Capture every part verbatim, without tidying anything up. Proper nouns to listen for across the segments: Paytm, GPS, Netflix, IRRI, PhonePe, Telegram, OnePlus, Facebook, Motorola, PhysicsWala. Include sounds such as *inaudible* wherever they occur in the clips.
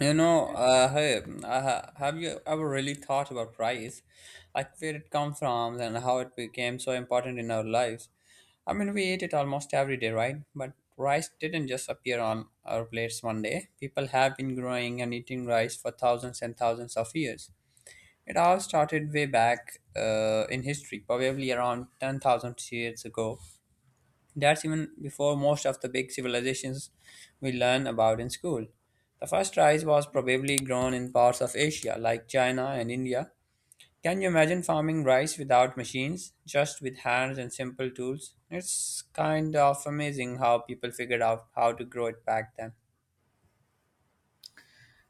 You know, uh, hey, uh, have you ever really thought about rice? Like where it comes from and how it became so important in our lives? I mean, we eat it almost every day, right? But rice didn't just appear on our plates one day. People have been growing and eating rice for thousands and thousands of years. It all started way back uh, in history, probably around ten thousand years ago, that's even before most of the big civilizations we learn about in school. The first rice was probably grown in parts of Asia, like China and India. Can you imagine farming rice without machines, just with hands and simple tools? It's kind of amazing how people figured out how to grow it back then.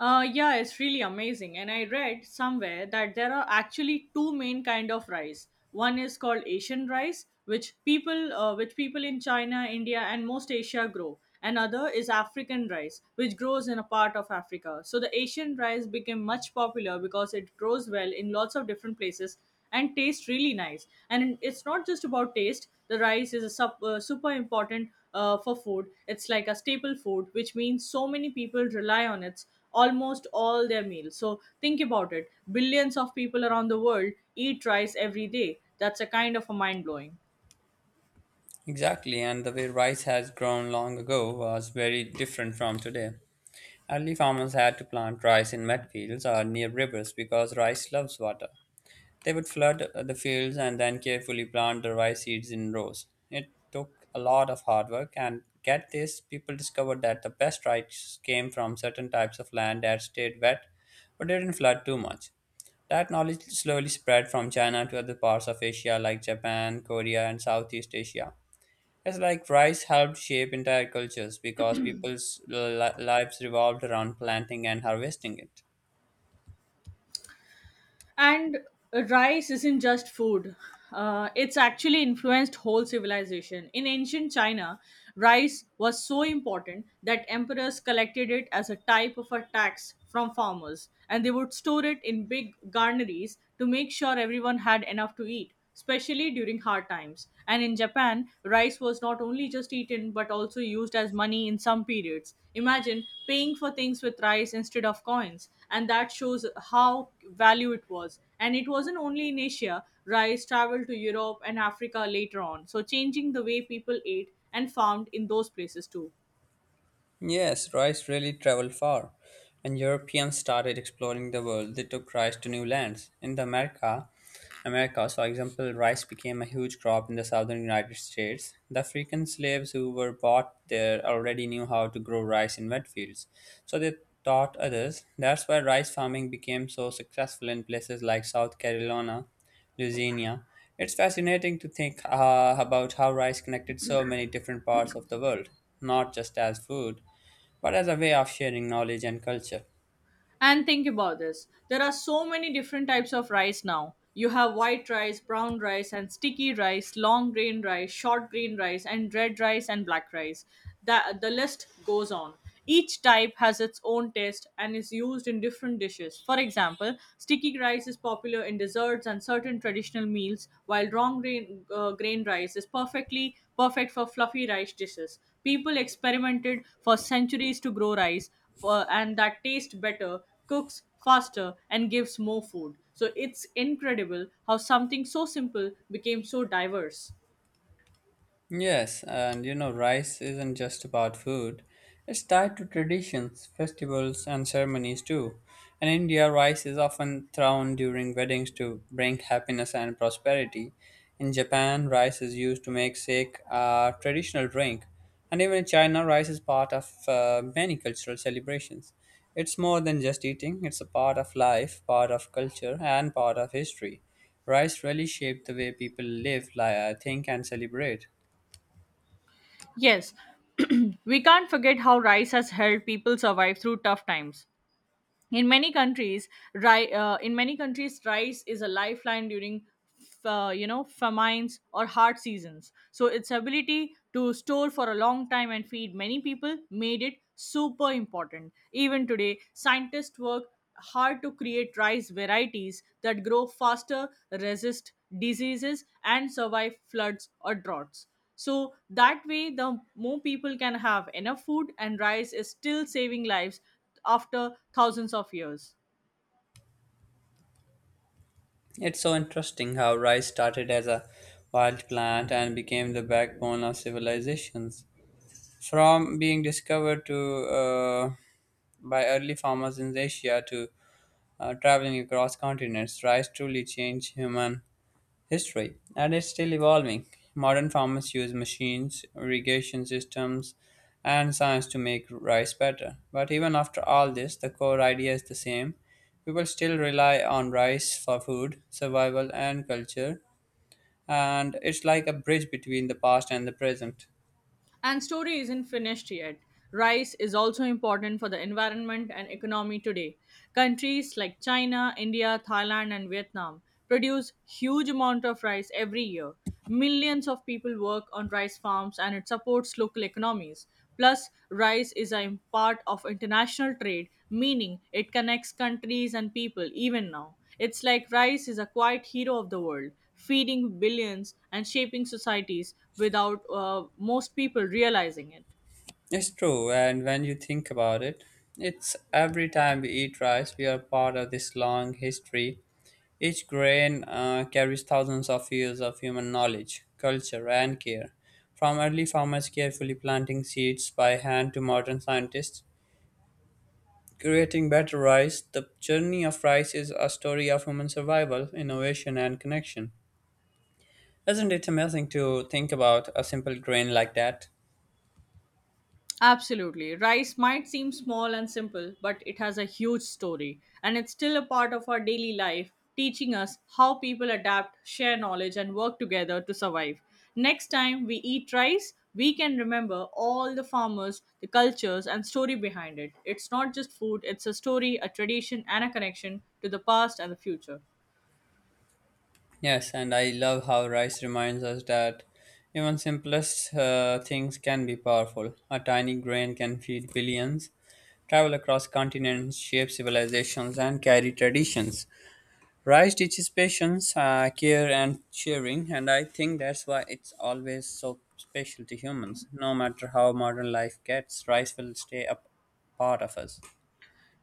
Uh, yeah, it's really amazing. And I read somewhere that there are actually two main kind of rice. One is called Asian rice, which people, uh, which people in China, India, and most Asia grow. Another is African rice, which grows in a part of Africa. So the Asian rice became much popular because it grows well in lots of different places and tastes really nice. And it's not just about taste. The rice is a sup uh, super important uh, for food. It's like a staple food, which means so many people rely on it almost all their meals. So think about it. Billions of people around the world eat rice every day. That's a kind of a mind blowing. Exactly, and the way rice has grown long ago was very different from today. Early farmers had to plant rice in mud fields or near rivers because rice loves water. They would flood the fields and then carefully plant the rice seeds in rows. It took a lot of hard work, and get this, people discovered that the best rice came from certain types of land that stayed wet but didn't flood too much. That knowledge slowly spread from China to other parts of Asia like Japan, Korea, and Southeast Asia. It's like rice helped shape entire cultures because people's li- lives revolved around planting and harvesting it. And rice isn't just food. Uh, it's actually influenced whole civilization. In ancient China, rice was so important that emperors collected it as a type of a tax from farmers, and they would store it in big garneries to make sure everyone had enough to eat, especially during hard times. And in Japan, rice was not only just eaten but also used as money in some periods. Imagine paying for things with rice instead of coins, and that shows how value it was. And it wasn't only in Asia, rice traveled to Europe and Africa later on, so changing the way people ate and farmed in those places too. Yes, rice really traveled far. When Europeans started exploring the world, they took rice to new lands. In the America, Americas, for example, rice became a huge crop in the southern United States. The African slaves who were bought there already knew how to grow rice in wet fields, so they taught others. That's why rice farming became so successful in places like South Carolina, Louisiana. It's fascinating to think uh, about how rice connected so many different parts of the world, not just as food, but as a way of sharing knowledge and culture. And think about this. There are so many different types of rice now. You have white rice, brown rice, and sticky rice, long grain rice, short grain rice, and red rice and black rice. The, the list goes on. Each type has its own taste and is used in different dishes. For example, sticky rice is popular in desserts and certain traditional meals, while long grain, uh, grain rice is perfectly perfect for fluffy rice dishes. People experimented for centuries to grow rice, for, and that tastes better, cooks faster, and gives more food. So it's incredible how something so simple became so diverse. Yes, and you know, rice isn't just about food. It's tied to traditions, festivals, and ceremonies too. In India, rice is often thrown during weddings to bring happiness and prosperity. In Japan, rice is used to make sake, a traditional drink. And even in China, rice is part of uh, many cultural celebrations. It's more than just eating, it's a part of life, part of culture, and part of history. Rice really shaped the way people live, li- think, and celebrate. Yes, *clears throat* we can't forget how rice has helped people survive through tough times in many countries. Ri- uh, in many countries rice is a lifeline during uh, you know famines or hard seasons. So its ability to store for a long time and feed many people made it super important. Even today scientists work hard to create rice varieties that grow faster, resist diseases, and survive floods or droughts, so that way the more people can have enough food, and rice is still saving lives after thousands of years. It's so interesting how rice started as a wild plant and became the backbone of civilizations. From being discovered to uh, by early farmers in Asia to uh, traveling across continents, rice truly changed human history, and it's still evolving. Modern farmers use machines, irrigation systems, and science to make rice better. But even after all this, the core idea is the same. People still rely on rice for food, survival, and culture, and it's like a bridge between the past and the present. And story isn't finished yet. Rice is also important for the environment and economy today. Countries like China, India, Thailand and Vietnam produce huge amount of rice every year. Millions of people work on rice farms and it supports local economies. Plus, rice is a part of international trade, meaning it connects countries and people even now. It's like rice is a quiet hero of the world, feeding billions and shaping societies without uh, most people realizing it. It's true, and when you think about it, it's every time we eat rice, we are part of this long history. Each grain uh, carries thousands of years of human knowledge, culture, and care. From early farmers carefully planting seeds by hand to modern scientists creating better rice, the journey of rice is a story of human survival, innovation, and connection. Isn't it amazing to think about a simple grain like that? Absolutely. Rice might seem small and simple, but it has a huge story, and it's still a part of our daily life, teaching us how people adapt, share knowledge, and work together to survive. Next time we eat rice, we can remember all the farmers, the cultures, and story behind it. It's not just food, it's a story, a tradition, and a connection to the past and the future. Yes, and I love how rice reminds us that even simplest uh, things can be powerful. A tiny grain can feed billions, travel across continents, shape civilizations, and carry traditions. Rice teaches patience, uh, care, and sharing, and I think that's why it's always so special to humans. No matter how modern life gets, rice will stay a p- part of us.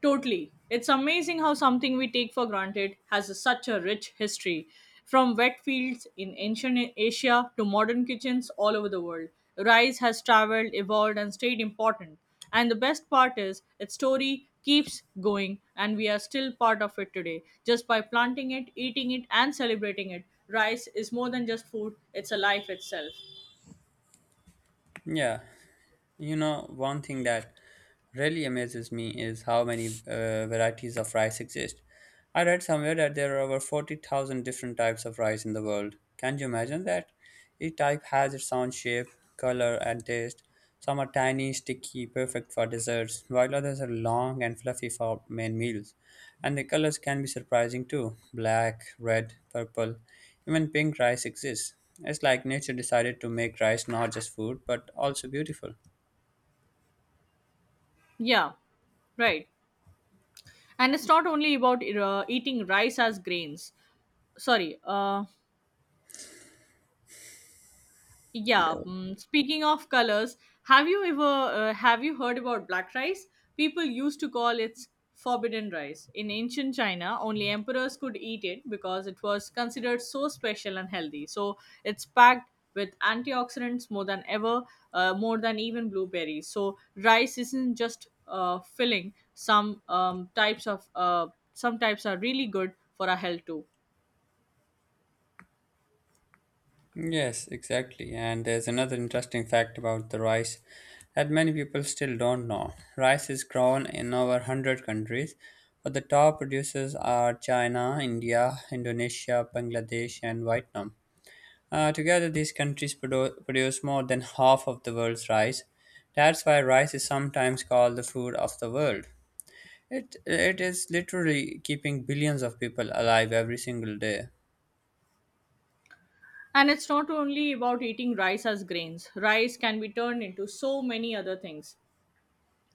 Totally. It's amazing how something we take for granted has a- such a rich history. From wet fields in ancient A- Asia to modern kitchens all over the world, rice has traveled, evolved, and stayed important. And the best part is, its story keeps going, and we are still part of it today. Just by planting it, eating it, and celebrating it, rice is more than just food, it's a life itself. Yeah. You know, one thing that really amazes me is how many uh, varieties of rice exist. I read somewhere that there are over forty thousand different types of rice in the world. Can you imagine that? Each type has its own shape, color, and taste. Some are tiny, sticky, perfect for desserts, while others are long and fluffy for main meals. And the colors can be surprising too: black, red, purple, even pink rice exists. It's like nature decided to make rice not just food but also beautiful. Yeah, right. And it's not only about uh, eating rice as grains. Sorry, uh, Yeah, mm, speaking of colors, have you ever uh, have you heard about black rice? People used to call it forbidden rice. In ancient China, only emperors could eat it because it was considered so special and healthy. So it's packed with antioxidants more than ever, uh, more than even blueberries. So rice isn't just uh, filling. Some um, types of uh, some types are really good for our health too. Yes, exactly. And there's another interesting fact about the rice that many people still don't know. Rice is grown in over one hundred countries, but the top producers are China, India, Indonesia, Bangladesh, and Vietnam. Uh, together, these countries produ- produce more than half of the world's rice. That's why rice is sometimes called the food of the world. It, it is literally keeping billions of people alive every single day. And it's not only about eating rice as grains. Rice can be turned into so many other things.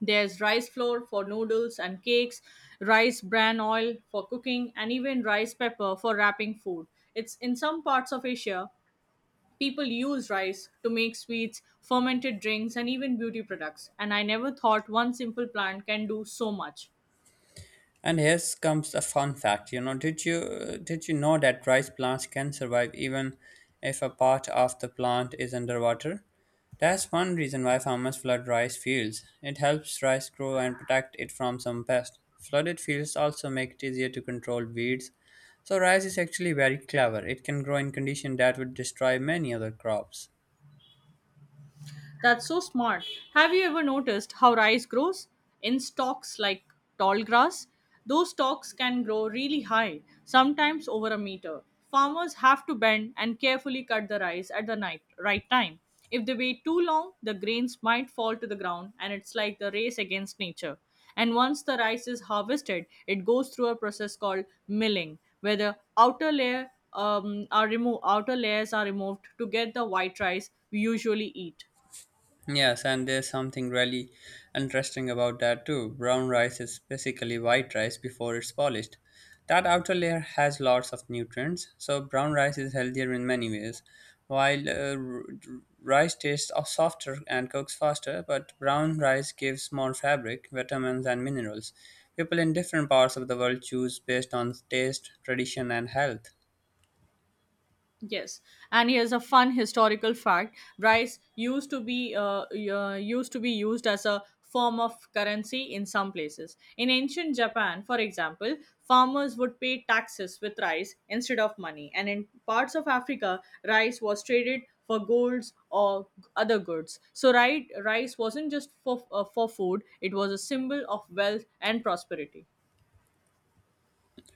There's rice flour for noodles and cakes, rice bran oil for cooking, and even rice pepper for wrapping food. It's in some parts of Asia, people use rice to make sweets, fermented drinks, and even beauty products. And I never thought one simple plant can do so much. And here comes a fun fact. You know, did you did you know that rice plants can survive even if a part of the plant is underwater? That's one reason why farmers flood rice fields. It helps rice grow and protect it from some pests. Flooded fields also make it easier to control weeds. So rice is actually very clever. It can grow in conditions that would destroy many other crops. That's so smart. Have you ever noticed how rice grows? In stalks like tall grass? Those stalks can grow really high, sometimes over a meter. Farmers have to bend and carefully cut the rice at the night, right time. If they wait too long, the grains might fall to the ground and it's like the race against nature. And once the rice is harvested, it goes through a process called milling, where the outer layer um, are remo- outer layers are removed to get the white rice we usually eat. Yes, and there's something really interesting about that too. Brown rice is basically white rice before it's polished. That outer layer has lots of nutrients, so brown rice is healthier in many ways. While uh, r- Rice tastes of softer and cooks faster, but brown rice gives more fabric, vitamins, and minerals. People in different parts of the world choose based on taste, tradition, and health. Yes, and here's a fun historical fact: rice used to be uh, uh, used to be used as a form of currency in some places. In ancient Japan, for example, farmers would pay taxes with rice instead of money, and in parts of Africa, rice was traded for golds or other goods. So, right, rice wasn't just for uh, for food; it was a symbol of wealth and prosperity.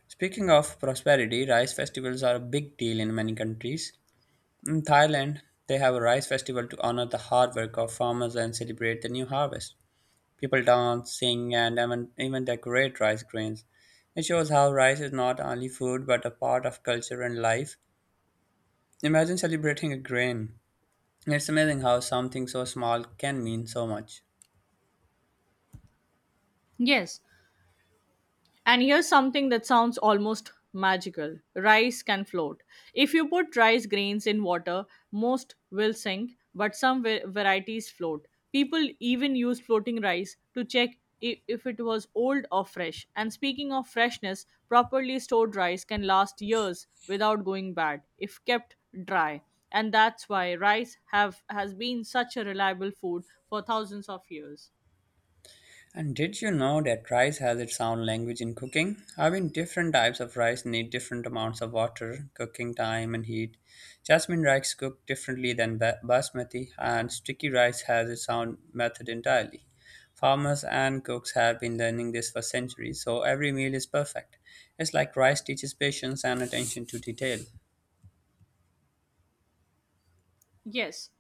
Speaking of prosperity, rice festivals are a big deal in many countries. In Thailand, they have a rice festival to honor the hard work of farmers and celebrate the new harvest. People dance, sing, and even, even decorate rice grains. It shows how rice is not only food but a part of culture and life. Imagine celebrating a grain. It's amazing how something so small can mean so much. Yes, and here's something that sounds almost magical: rice can float. If you put rice grains in water, most will sink, but some va- varieties float. People even use floating rice to check i- if it was old or fresh. And speaking of freshness, properly stored rice can last years without going bad if kept dry. And that's why rice have has been such a reliable food for thousands of years. And did you know that rice has its own language in cooking? I mean, different types of rice need different amounts of water, cooking time, and heat. Jasmine rice cooked differently than ba- basmati, and sticky rice has its own method entirely. Farmers and cooks have been learning this for centuries, so every meal is perfect. It's like rice teaches patience and attention to detail. Yes,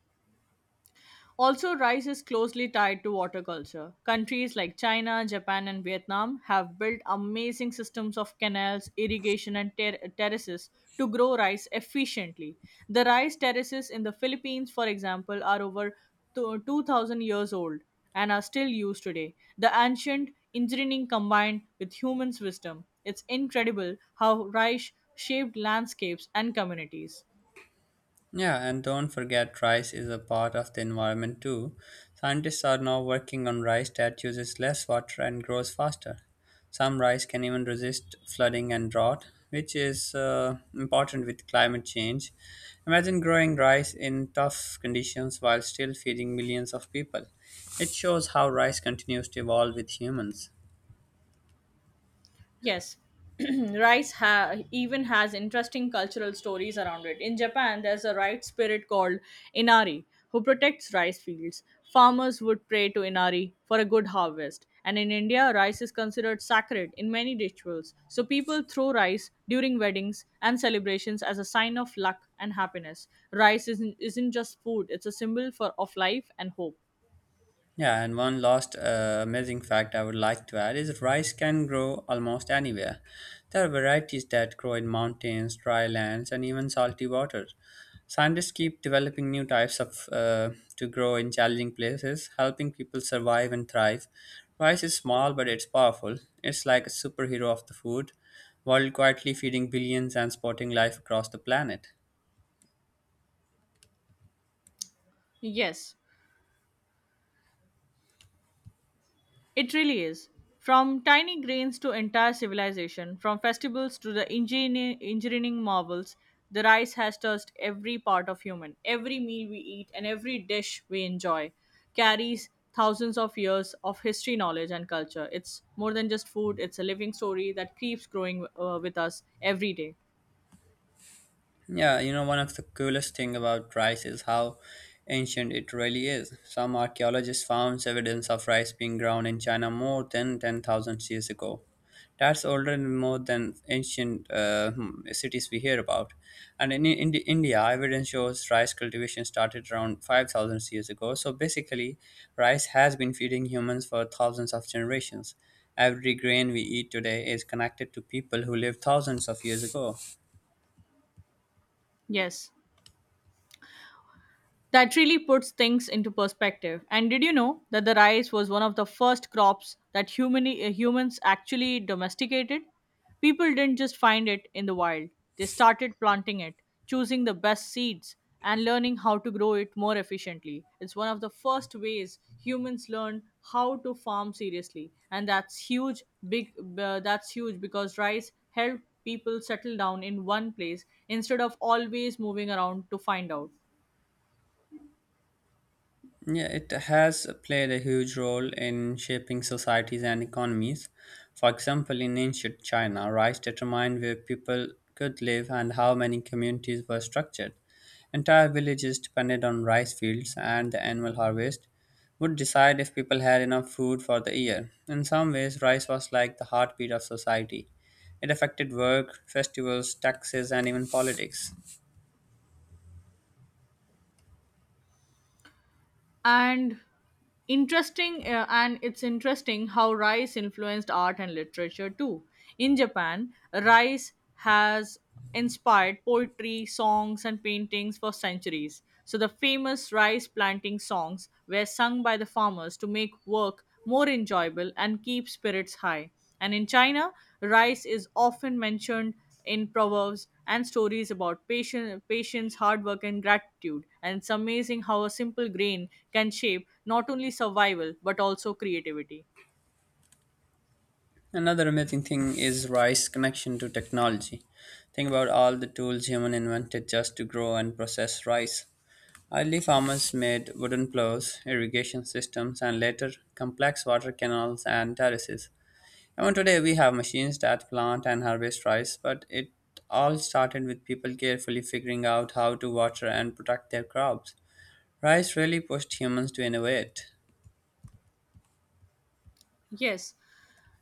also, rice is closely tied to water culture. Countries like China, Japan, and Vietnam have built amazing systems of canals, irrigation, and ter- terraces to grow rice efficiently. The rice terraces in the Philippines, for example, are over to- two thousand years old and are still used today. The ancient engineering combined with humans' wisdom. It's incredible how rice shaped landscapes and communities. Yeah, and don't forget rice is a part of the environment too. Scientists are now working on rice that uses less water and grows faster. Some rice can even resist flooding and drought, which is uh, important with climate change. Imagine growing rice in tough conditions while still feeding millions of people. It shows how rice continues to evolve with humans. Yes, *clears throat* rice ha- even has interesting cultural stories around it. In Japan, there's a rice spirit called Inari who protects rice fields. Farmers would pray to Inari for a good harvest. And in India, rice is considered sacred in many rituals. So people throw rice during weddings and celebrations as a sign of luck and happiness. Rice isn't, isn't just food, it's a symbol for of life and hope. Yeah, and one last uh, amazing fact I would like to add is rice can grow almost anywhere. There are varieties that grow in mountains, dry lands, and even salty waters. Scientists keep developing new types of uh, to grow in challenging places, helping people survive and thrive. Rice is small, but it's powerful. It's like a superhero of the food, while quietly feeding billions and supporting life across the planet. Yes, it really is. From tiny grains to entire civilization, from festivals to the engineer- engineering marvels, the rice has touched every part of human. Every meal we eat and every dish we enjoy carries thousands of years of history, knowledge, and culture. It's more than just food, it's a living story that keeps growing uh, with us every day. Yeah, you know, one of the coolest thing about rice is how ancient it really is. Some archaeologists found evidence of rice being ground in China more than ten thousand years ago. That's older and more than ancient uh, hmm, cities we hear about. And in, in India, evidence shows rice cultivation started around five thousand years ago. So basically, rice has been feeding humans for thousands of generations. Every grain we eat today is connected to people who lived thousands of years ago. Yes. That really puts things into perspective. And did you know that the rice was one of the first crops that human, uh, humans actually domesticated? People didn't just find it in the wild, they started planting it, choosing the best seeds, and learning how to grow it more efficiently. It's one of the first ways humans learned how to farm seriously. And that's huge, big, uh, that's huge because rice helped people settle down in one place instead of always moving around to find out. Yeah, it has played a huge role in shaping societies and economies. For example, in ancient China, rice determined where people could live and how many communities were structured. Entire villages depended on rice fields, and the annual harvest would decide if people had enough food for the year. In some ways, rice was like the heartbeat of society. It affected work, festivals, taxes, and even politics. and interesting uh, and it's interesting how rice influenced art and literature too. In Japan, rice has inspired poetry, songs, and paintings for centuries. So the famous rice planting songs were sung by the farmers to make work more enjoyable and keep spirits high. And in China, rice is often mentioned in proverbs and stories about patience, patience, hard work, and gratitude. And it's amazing how a simple grain can shape not only survival but also creativity. Another amazing thing is Rice's connection to technology. Think about all the tools human invented just to grow and process rice. Early farmers made wooden plows, irrigation systems, and later complex water canals and terraces. Even today, we have machines that plant and harvest rice, but it all started with people carefully figuring out how to water and protect their crops. Rice really pushed humans to innovate. Yes,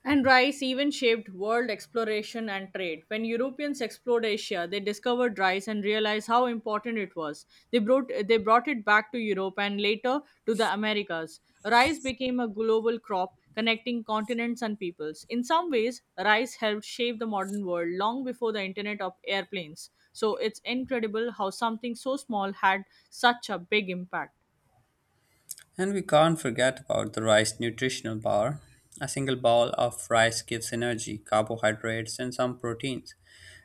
and rice even shaped world exploration and trade. When Europeans explored Asia, they discovered rice and realized how important it was. They brought, they brought it back to Europe and later to the Americas. Rice became a global crop connecting continents and peoples. In some ways, rice helped shape the modern world long before the internet of airplanes. So it's incredible how something so small had such a big impact. And we can't forget about the rice nutritional power. A single bowl of rice gives energy, carbohydrates, and some proteins.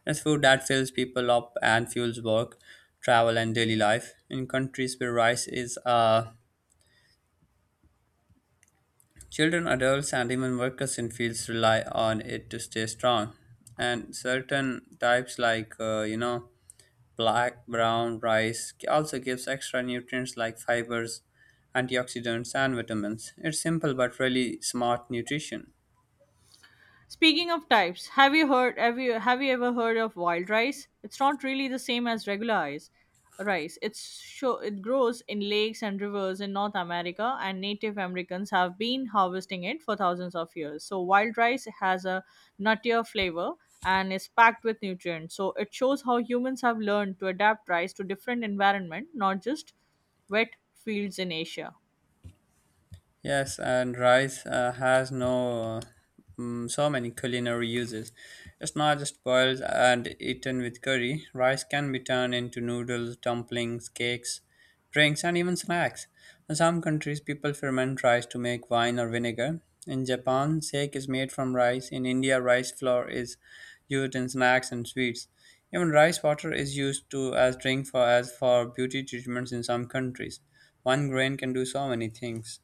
It's food that fills people up and fuels work, travel, and daily life. In countries where rice is, uh, children, adults, and even workers in fields rely on it to stay strong. And certain types, like, uh, you know, black brown rice also gives extra nutrients like fibers, antioxidants, and vitamins. It's simple but really smart nutrition. Speaking of types, have you heard have you have you ever heard of wild rice? It's not really the same as regular rice. Rice. It's show it grows in lakes and rivers in North America and Native Americans have been harvesting it for thousands of years. So wild rice has a nuttier flavor and is packed with nutrients. So it shows how humans have learned to adapt rice to different environment, not just wet fields in Asia. Yes, and rice uh, has no mm so many culinary uses. It's not just boiled and eaten with curry. Rice can be turned into noodles, dumplings, cakes, drinks, and even snacks. In some countries, people ferment rice to make wine or vinegar. In Japan, sake is made from rice. In India, rice flour is used in snacks and sweets. Even rice water is used to as drink for as for beauty treatments in some countries. One grain can do so many things.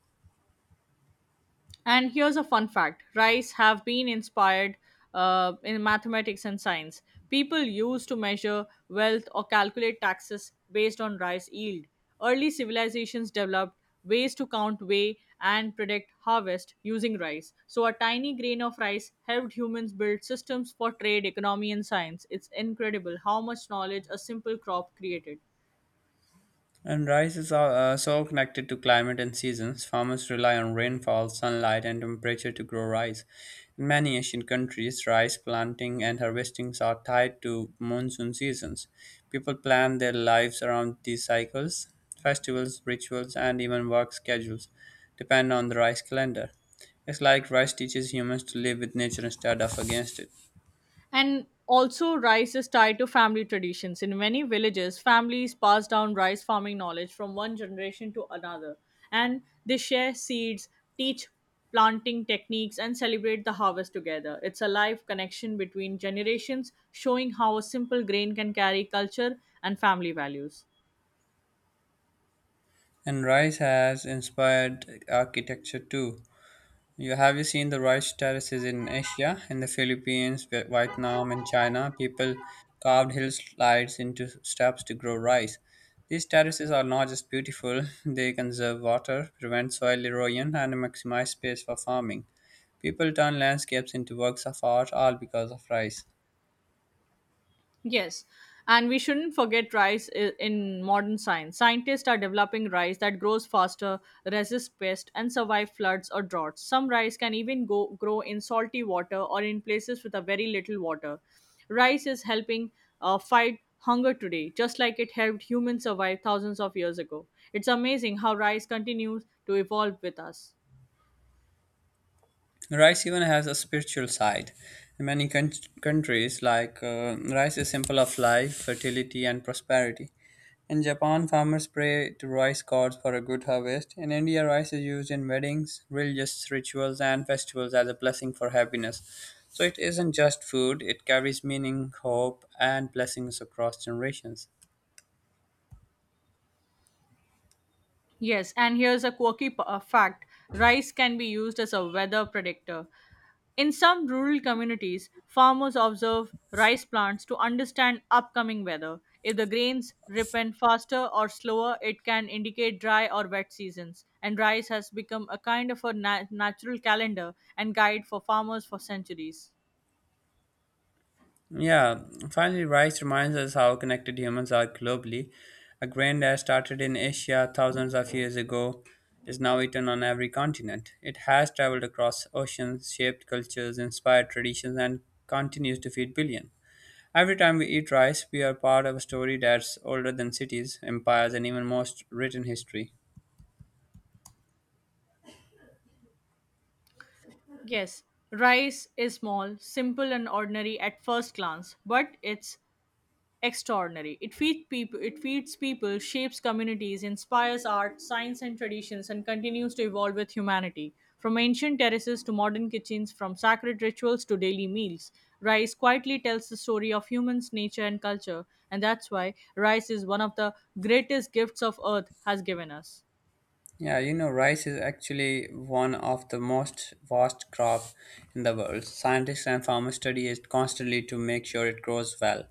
And here's a fun fact: rice have been inspired uh, in mathematics and science. People used to measure wealth or calculate taxes based on rice yield. Early civilizations developed ways to count, weigh, and predict harvest using rice. So a tiny grain of rice helped humans build systems for trade, economy, and science. It's incredible how much knowledge a simple crop created. And rices are uh, so connected to climate and seasons. Farmers rely on rainfall, sunlight, and temperature to grow rice. In many Asian countries, rice planting and harvestings are tied to monsoon seasons. People plan their lives around these cycles. Festivals, rituals, and even work schedules depend on the rice calendar. It's like rice teaches humans to live with nature instead of against it. And also, rice is tied to family traditions. In many villages, families pass down rice farming knowledge from one generation to another, and they share seeds, teach planting techniques, and celebrate the harvest together. It's a live connection between generations, showing how a simple grain can carry culture and family values. And rice has inspired architecture too. You have you seen the rice terraces in Asia, in the Philippines, Vi- Vietnam, and China? People carved hillsides into steps to grow rice. These terraces are not just beautiful; *laughs* they conserve water, prevent soil erosion, and maximize space for farming. People turn landscapes into works of art all because of rice. Yes, and we shouldn't forget rice i- in modern science. Scientists are developing rice that grows faster, resists pests, and survive floods or droughts. Some rice can even go, grow in salty water or in places with a very little water. Rice is helping uh, fight hunger today, just like it helped humans survive thousands of years ago. It's amazing how rice continues to evolve with us. Rice even has a spiritual side. In many coun- countries, like uh, rice is symbol of life, fertility, and prosperity. In Japan, farmers pray to rice gods for a good harvest. In India, rice is used in weddings, religious rituals, and festivals as a blessing for happiness. So it isn't just food; it carries meaning, hope, and blessings across generations. Yes, and here's a quirky p- uh, fact rice can be used as a weather predictor. In some rural communities, farmers observe rice plants to understand upcoming weather. If the grains ripen faster or slower, it can indicate dry or wet seasons. And rice has become a kind of a na- natural calendar and guide for farmers for centuries. Yeah, finally, rice reminds us how connected humans are globally. A grain that started in Asia thousands of years ago is now eaten on every continent. It has traveled across oceans, shaped cultures, inspired traditions, and continues to feed billions. Every time we eat rice, we are part of a story that's older than cities, empires, and even most written history. Yes, rice is small, simple, and ordinary at first glance, but it's extraordinary. It feeds people, it feeds people, shapes communities, inspires art, science, and traditions, and continues to evolve with humanity. From ancient terraces to modern kitchens, from sacred rituals to daily meals, rice quietly tells the story of humans, nature, and culture, and that's why rice is one of the greatest gifts of earth has given us. Yeah, you know, rice is actually one of the most vast crop in the world. Scientists and farmers study it constantly to make sure it grows well.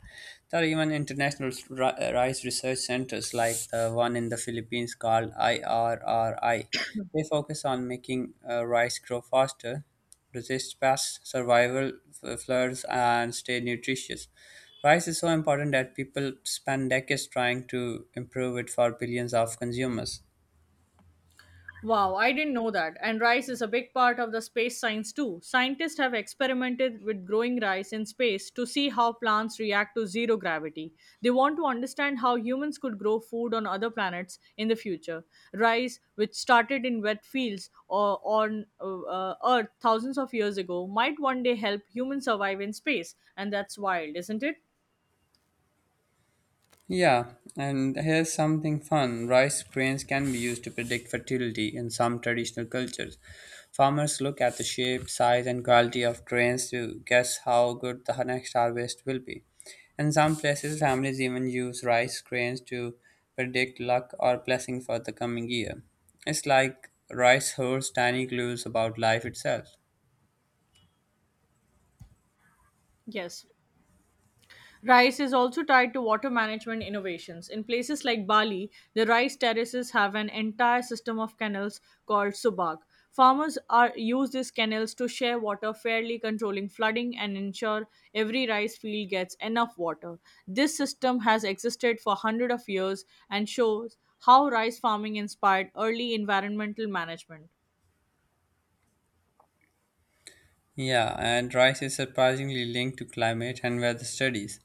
There are even international ri- uh, rice research centers like the one in the Philippines called IRRI. They focus on making uh, rice grow faster, resist pests, survival f- floods, and stay nutritious. Rice is so important that people spend decades trying to improve it for billions of consumers. Wow, I didn't know that. And rice is a big part of the space science too. Scientists have experimented with growing rice in space to see how plants react to zero gravity. They want to understand how humans could grow food on other planets in the future. Rice, which started in wet fields or on uh, uh, Earth thousands of years ago, might one day help humans survive in space. And that's wild, isn't it? Yeah, and here's something fun. Rice grains can be used to predict fertility in some traditional cultures. Farmers look at the shape, size, and quality of grains to guess how good the next harvest will be. In some places, families even use rice grains to predict luck or blessing for the coming year. It's like rice holds tiny clues about life itself. Yes. Rice is also tied to water management innovations. In places like Bali, the rice terraces have an entire system of canals called subag. Farmers are, use these canals to share water fairly, controlling flooding and ensure every rice field gets enough water. This system has existed for hundreds of years and shows how rice farming inspired early environmental management. Yeah, and rice is surprisingly linked to climate and weather studies.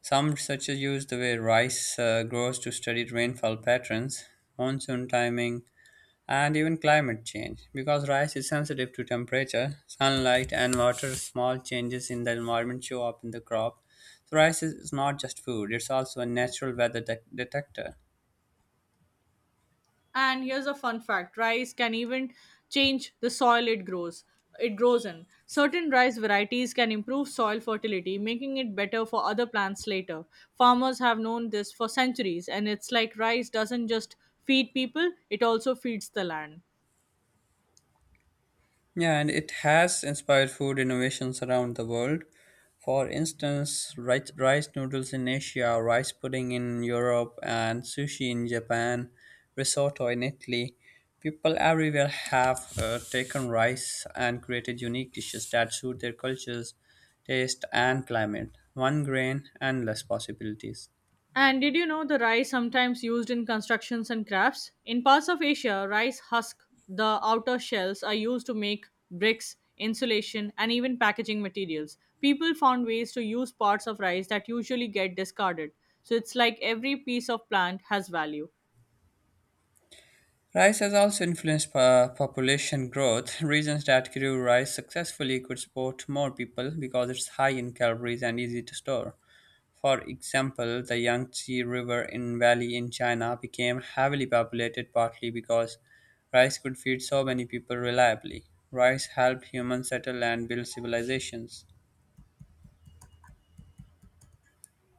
Some researchers use the way rice uh, grows to study rainfall patterns, monsoon timing, and even climate change. Because rice is sensitive to temperature, sunlight, and water, small changes in the environment show up in the crop. So, rice is is not just food, it's also a natural weather de- detector. And here's a fun fact rice can even change the soil it grows. It grows in. Certain rice varieties can improve soil fertility, making it better for other plants later. Farmers have known this for centuries, and it's like rice doesn't just feed people, it also feeds the land. Yeah, and it has inspired food innovations around the world. For instance, rice, rice noodles in Asia, rice pudding in Europe, and sushi in Japan, risotto in Italy. People everywhere have uh, taken rice and created unique dishes that suit their cultures, taste, and climate. One grain, endless possibilities. And did you know the rice sometimes used in constructions and crafts? In parts of Asia, rice husk, the outer shells, are used to make bricks, insulation, and even packaging materials. People found ways to use parts of rice that usually get discarded. So it's like every piece of plant has value. Rice has also influenced po- population growth. *laughs* Regions that grew rice successfully could support more people because it's high in calories and easy to store. For example, the Yangtze River in valley in China became heavily populated partly because rice could feed so many people reliably. Rice helped humans settle and build civilizations.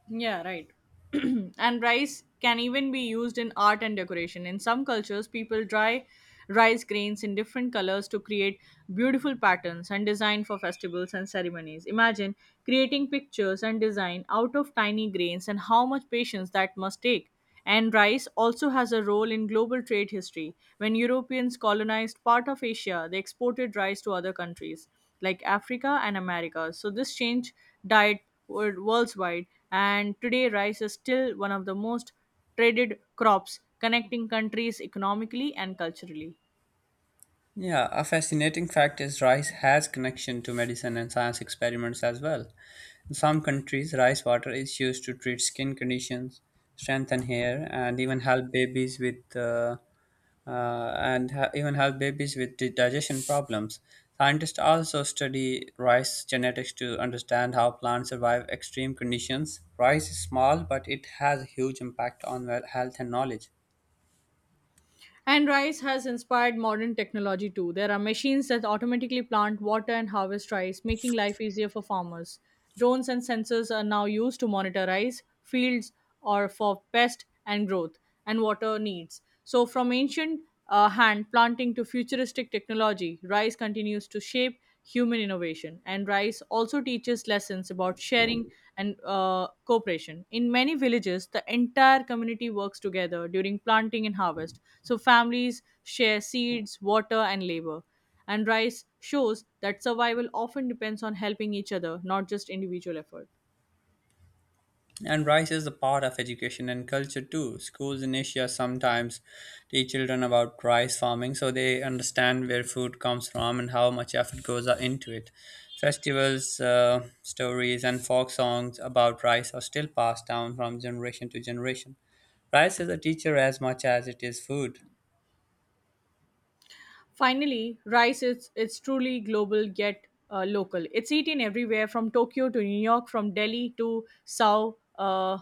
Yeah, right. *clears throat* And rice can even be used in art and decoration. In some cultures, people dry rice grains in different colors to create beautiful patterns and design for festivals and ceremonies. Imagine creating pictures and design out of tiny grains and how much patience that must take. And rice also has a role in global trade history. When Europeans colonized part of Asia, they exported rice to other countries like Africa and America. So this changed diet wor- worldwide, and today rice is still one of the most traded crops, connecting countries economically and culturally. Yeah, a fascinating fact is rice has connection to medicine and science experiments as well. In some countries, rice water is used to treat skin conditions, strengthen hair, and even help babies with uh, uh, and ha- even help babies with di- digestion problems. Scientists also study rice genetics to understand how plants survive extreme conditions. Rice is small, but it has a huge impact on well- health and knowledge. And rice has inspired modern technology too. There are machines that automatically plant, water, and harvest rice, making life easier for farmers. Drones and sensors are now used to monitor rice fields or for pest and growth and water needs. So, from ancient uh, hand planting to futuristic technology, rice continues to shape human innovation. And rice also teaches lessons about sharing and uh, cooperation. In many villages, the entire community works together during planting and harvest. So families share seeds, water, and labor. And rice shows that survival often depends on helping each other, not just individual effort. And rice is a part of education and culture too. Schools in Asia sometimes teach children about rice farming so they understand where food comes from and how much effort goes into it. Festivals, uh, stories, and folk songs about rice are still passed down from generation to generation. Rice is a teacher as much as it is food. Finally, rice is it's truly global yet uh, local. It's eaten everywhere from Tokyo to New York, from Delhi to Sao uh,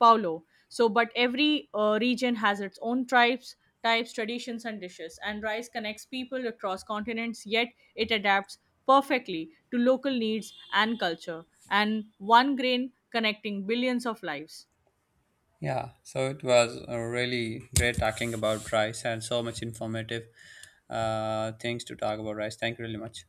Paulo. So, but every uh, region has its own tribes, types, traditions, and dishes. And rice connects people across continents, yet it adapts perfectly to local needs and culture. And one grain connecting billions of lives. Yeah, so it was uh, really great talking about rice and so much informative uh, things to talk about rice. Thank you really much.